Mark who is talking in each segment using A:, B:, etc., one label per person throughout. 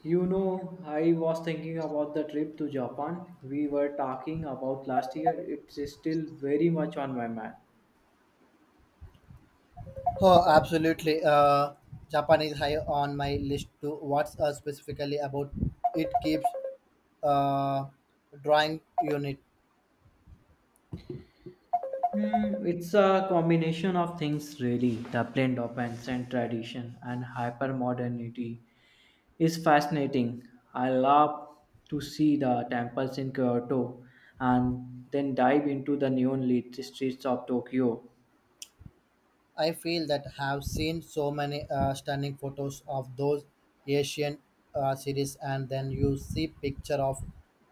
A: You know, I was thinking about the trip to Japan we were talking about last year. It's still very much on my mind.
B: Oh, absolutely. Japan is high on my list too. What's specifically about it keeps uh, drawing unit?
A: Hmm, it's a combination of things, really. The blend of ancient tradition and hyper modernity is fascinating. I love to see the temples in Kyoto and then dive into the neon lit streets of Tokyo.
B: I feel that have seen so many stunning photos of those Asian cities, and then you see picture of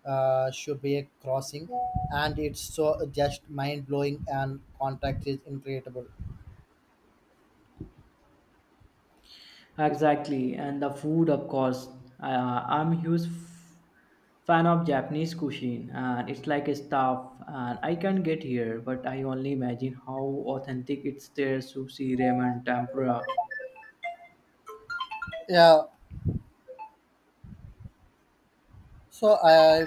B: Shibuya crossing, and it's so just mind blowing, and contract is incredible.
A: Exactly, and the food, of course. I'm a huge fan of Japanese cuisine, and it's like a stuff. And I can get here, but I only imagine how authentic it's there. Sushi, ramen, tempura.
B: Yeah. So I. Uh,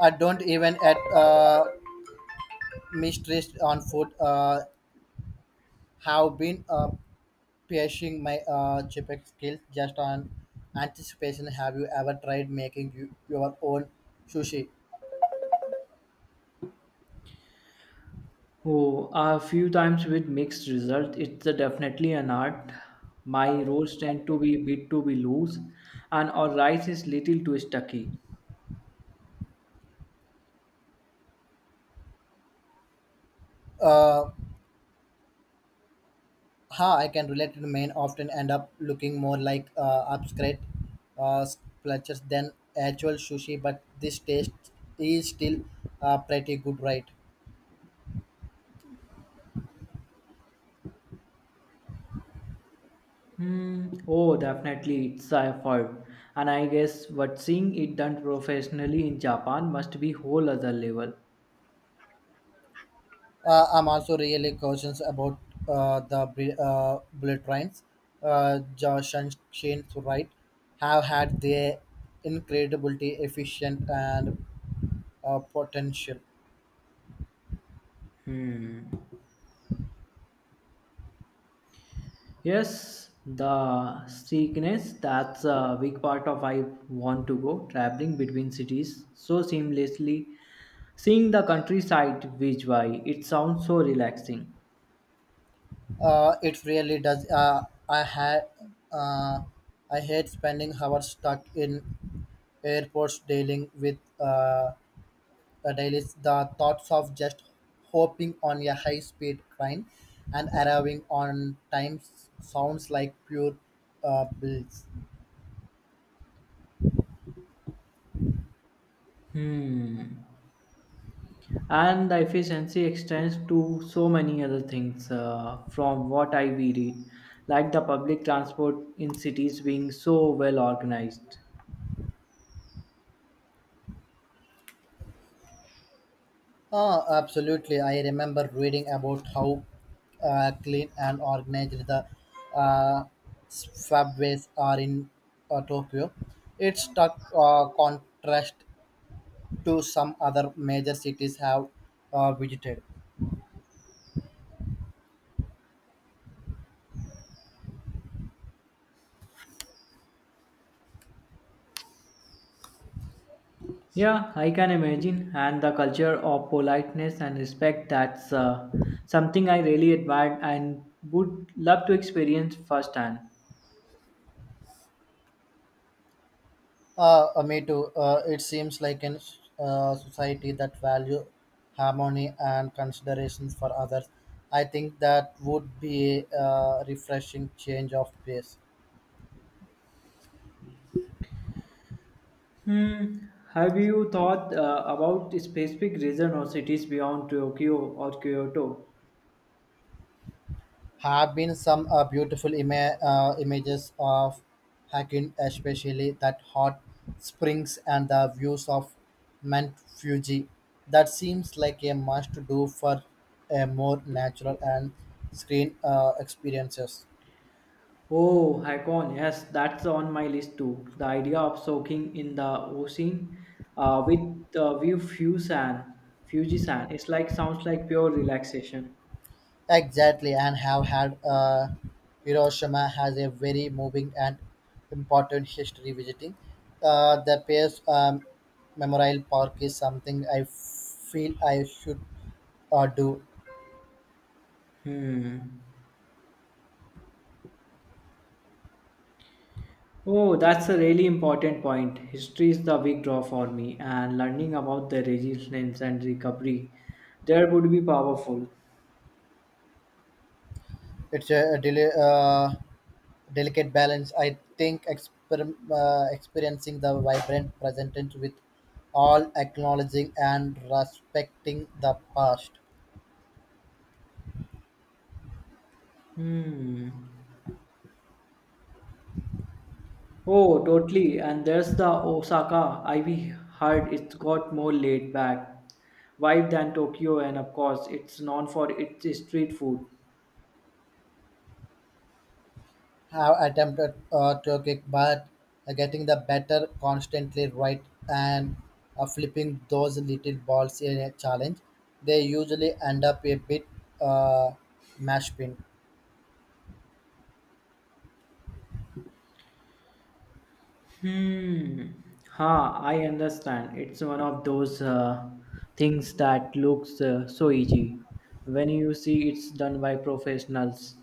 B: I don't even at mistress on food have been piercing my chipek skills just on anticipation. Have you ever tried making you, your own sushi?
A: Oh, a few times with mixed result. It's a definitely an art. My rolls tend to be a bit to be loose, and our rice is little too stucky.
B: Uh, how I can relate to the main often end up looking more like upscrate sculptures than actual sushi, but this taste is still pretty good, right?
A: Hmm. Oh, definitely, it's a effort, and I guess what seeing it done professionally in Japan must be whole other level.
B: I'm also really cautious about bullet trains. Josh and Shane Wright have had their incredibly efficient and potential.
A: Hmm. Yes, the sickness that's a big part of I want to go traveling between cities so seamlessly, seeing the countryside which way it sounds so relaxing.
B: It really does. I had. Uh, I hate spending hours stuck in airports dealing with delays the thoughts of just hopping on a high speed train and arriving on time sounds like pure bliss.
A: Hmm. And the efficiency extends to so many other things, from what I we read, like the public transport in cities being so well organized.
B: Ah, absolutely. I remember reading about how clean and organized the uh, subways are in Tokyo. It's stark contrast to some other major cities have visited.
A: Yeah, I can imagine. And the culture of politeness and respect, that's something I really admired and would love to experience firsthand.
B: Me too. It seems like in society that value harmony and consideration for others. I think that would be a refreshing change of pace.
A: Hmm. Have you thought about specific regions or cities beyond Tokyo or Kyoto?
B: Have been some beautiful images of hiking, especially that hot springs and the views of Mount Fuji. That seems like a must do for a more natural and screen experiences.
A: Oh, Haikon, yes, that's on my list too. The idea of soaking in the ocean with the view Fuji sand, it's like sounds like pure relaxation.
B: Exactly, and have had Hiroshima has a very moving and important history visiting. The Pierce Memorial Park is something I feel I should do.
A: Hmm. Oh, that's a really important point. History is the big draw for me, and learning about the resilience and recovery there would be powerful.
B: It's a, delicate balance. I think experiencing the vibrant present with all acknowledging and respecting the past.
A: Hmm. Oh, totally. And there's the Osaka I Ivy Heard. It's got more laid back vibe than Tokyo, and of course, it's known for its street food.
B: Have attempted to kick, but getting the better constantly right and flipping those little balls in a challenge, they usually end up a bit uh, mashed pin.
A: Hmm. Ha, I understand. It's one of those things that looks so easy when you see it's done by professionals.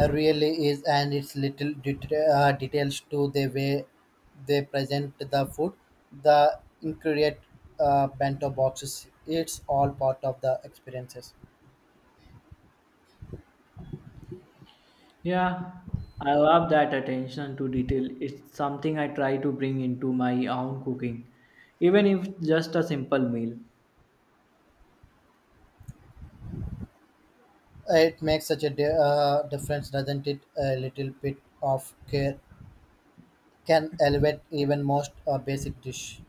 B: Really is, and it's little details to the way they present the food, the ingredient bento boxes. It's all part of the experiences.
A: Yeah, I love that attention to detail. It's something I try to bring into my own cooking, even if just a simple meal.
B: It makes such a difference, doesn't it? A little bit of care can elevate even most basic dish.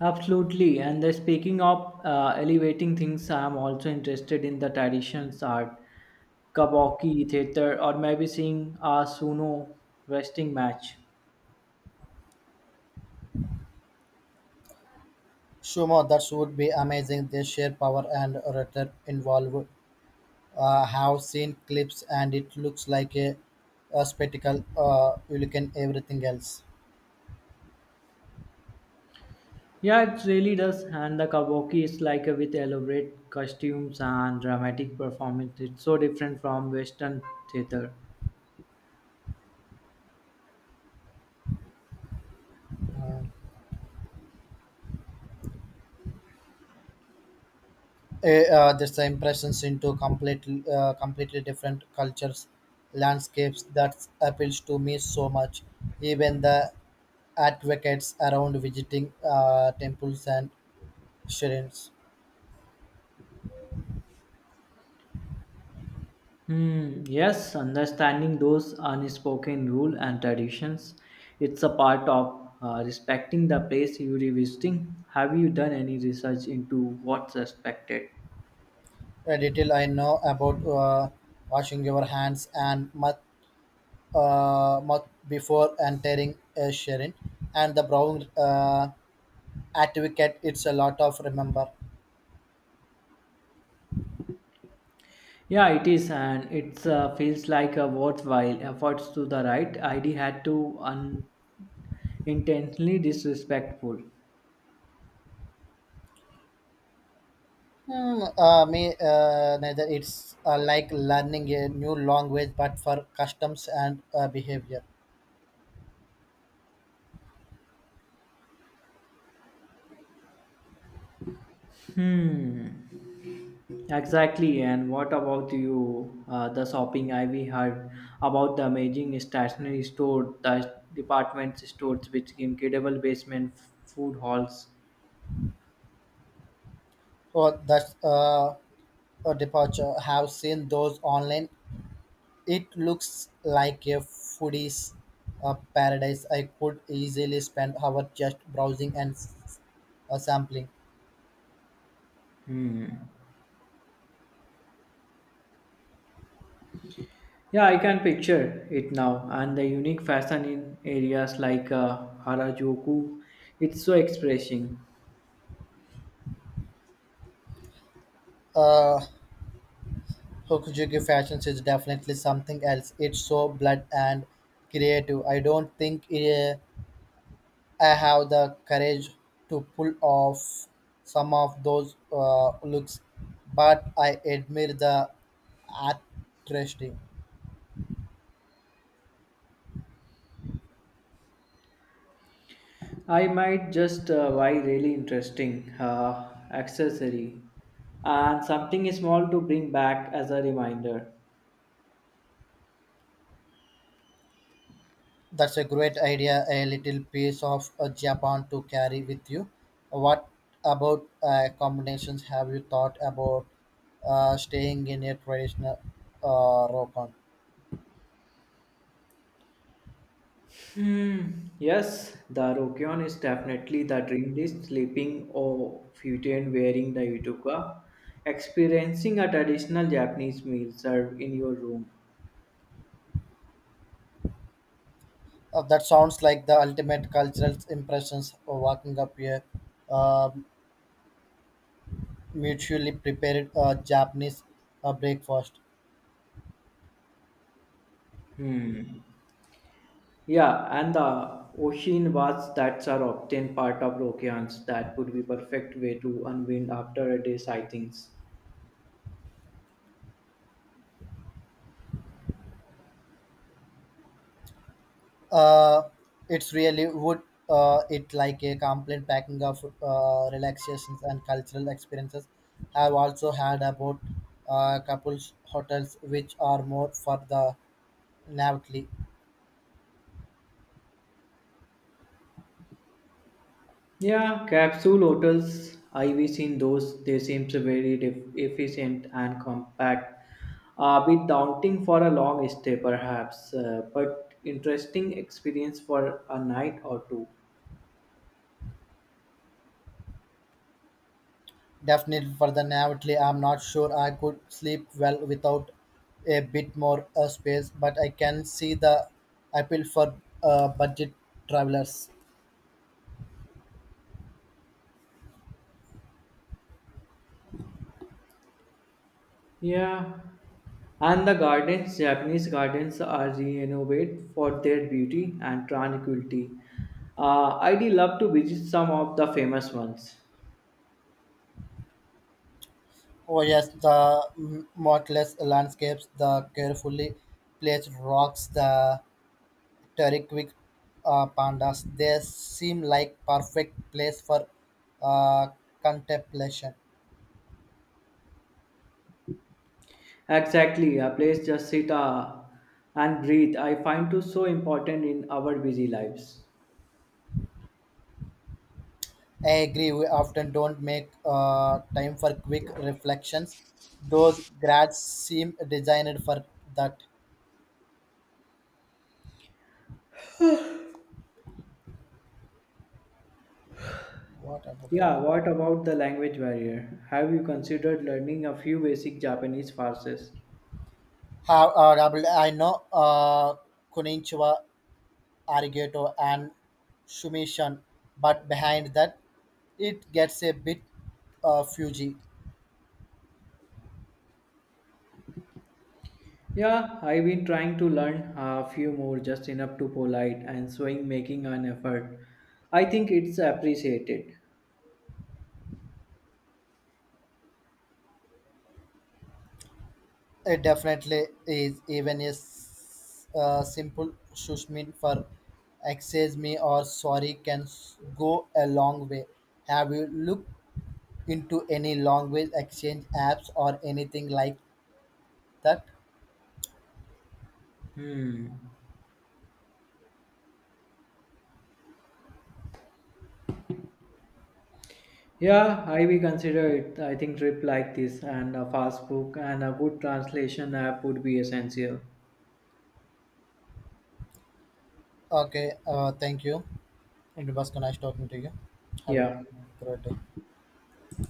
A: Absolutely. And the speaking of elevating things, I am also interested in the traditions art, kabuki theater, or maybe seeing a sumo wrestling match.
B: Sumo, that would be amazing. They share power and rhetoric involved. Have seen clips and it looks like a spectacle. You look at everything else.
A: Yeah, it really does. And the kabuki is like a with elaborate costumes and dramatic performance. It's so different from Western theater.
B: Uh, there's the impressions into completely different cultures, landscapes that appeals to me so much. Even the advocates around visiting temples and shrines.
A: Hmm, yes, understanding those unspoken rules and traditions, it's a part of respecting the place you're revisiting. Have you done any research into what's respected?
B: Detail I know about washing your hands and mouth, mouth before entering a sharing and the brown advocate it's a lot of remember.
A: Yeah, it is, and it feels like a worthwhile efforts to the right. ID had to unintentionally disrespectful.
B: Me neither it's like learning a new language but for customs and behavior.
A: Hmm. Exactly, and what about you? The shopping I we heard about, the amazing stationery store, the department stores with incredible basement food halls.
B: So that's a departure have seen those online. It looks like a foodie's paradise. I could easily spend hours just browsing and sampling.
A: Hmm. Yeah, I can picture it now, and the unique fashion in areas like Harajuku, it's so expressing.
B: Uh, Hokujuku fashions is definitely something else. It's so blood and creative. I don't think I have the courage to pull off some of those looks, but I admire the artistry.
A: I might just buy really interesting accessory and something small to bring back as a reminder.
B: That's a great idea, a little piece of Japan to carry with you. What about combinations have you thought about staying in a traditional rokon?
A: Hmm. Yes, the Rokyon is definitely the dream list, sleeping or futon wearing the yudoka, experiencing a traditional Japanese meal served in your room.
B: That sounds like the ultimate cultural impressions of walking up a uh, mutually prepared Japanese breakfast.
A: Hmm. Yeah, and the ocean baths that are often part of Rokyans, that would be perfect way to unwind after a day's sightings.
B: Uh, it's really would it like a complete packing of relaxations and cultural experiences. I've also had about couples hotels which are more for the naively.
A: Yeah, capsule hotels. I've seen those. They seem so very efficient and compact. A bit daunting for a long stay, perhaps, but interesting experience for a night or two.
B: Definitely for the naively, I'm not sure I could sleep well without a bit more space, but I can see the appeal for budget travelers.
A: Yeah, and the gardens, Japanese gardens, are renowned for their beauty and tranquility. I'd love to visit some of the famous ones.
B: Oh yes, the motless landscapes, the carefully placed rocks, the terrific pandas. They seem like perfect place for uh, contemplation.
A: Exactly, a place just sit and breathe. I find too so important in our busy lives.
B: I agree. We often don't make time for quick reflections. Those grads seem designed for that. What about the
A: Yeah,
B: law?
A: what about the language barrier? Have you considered learning a few basic Japanese phrases?
B: How I know Kunichiwa, Arigato, and Sumishan, but behind that, it gets a bit fuzzy.
A: Yeah, I've been trying to learn a few more just enough to polite and showing making an effort. I think it's appreciated.
B: It definitely is even a simple shush me for excuse me or sorry can go a long way. Have you looked into any language exchange apps or anything like that?
A: Hmm. Yeah, I will consider it. I think trip like this and a fast book and a good translation app would be essential.
B: Okay, thank you. It was nice talking to you. Have a
A: Yeah.
B: great day.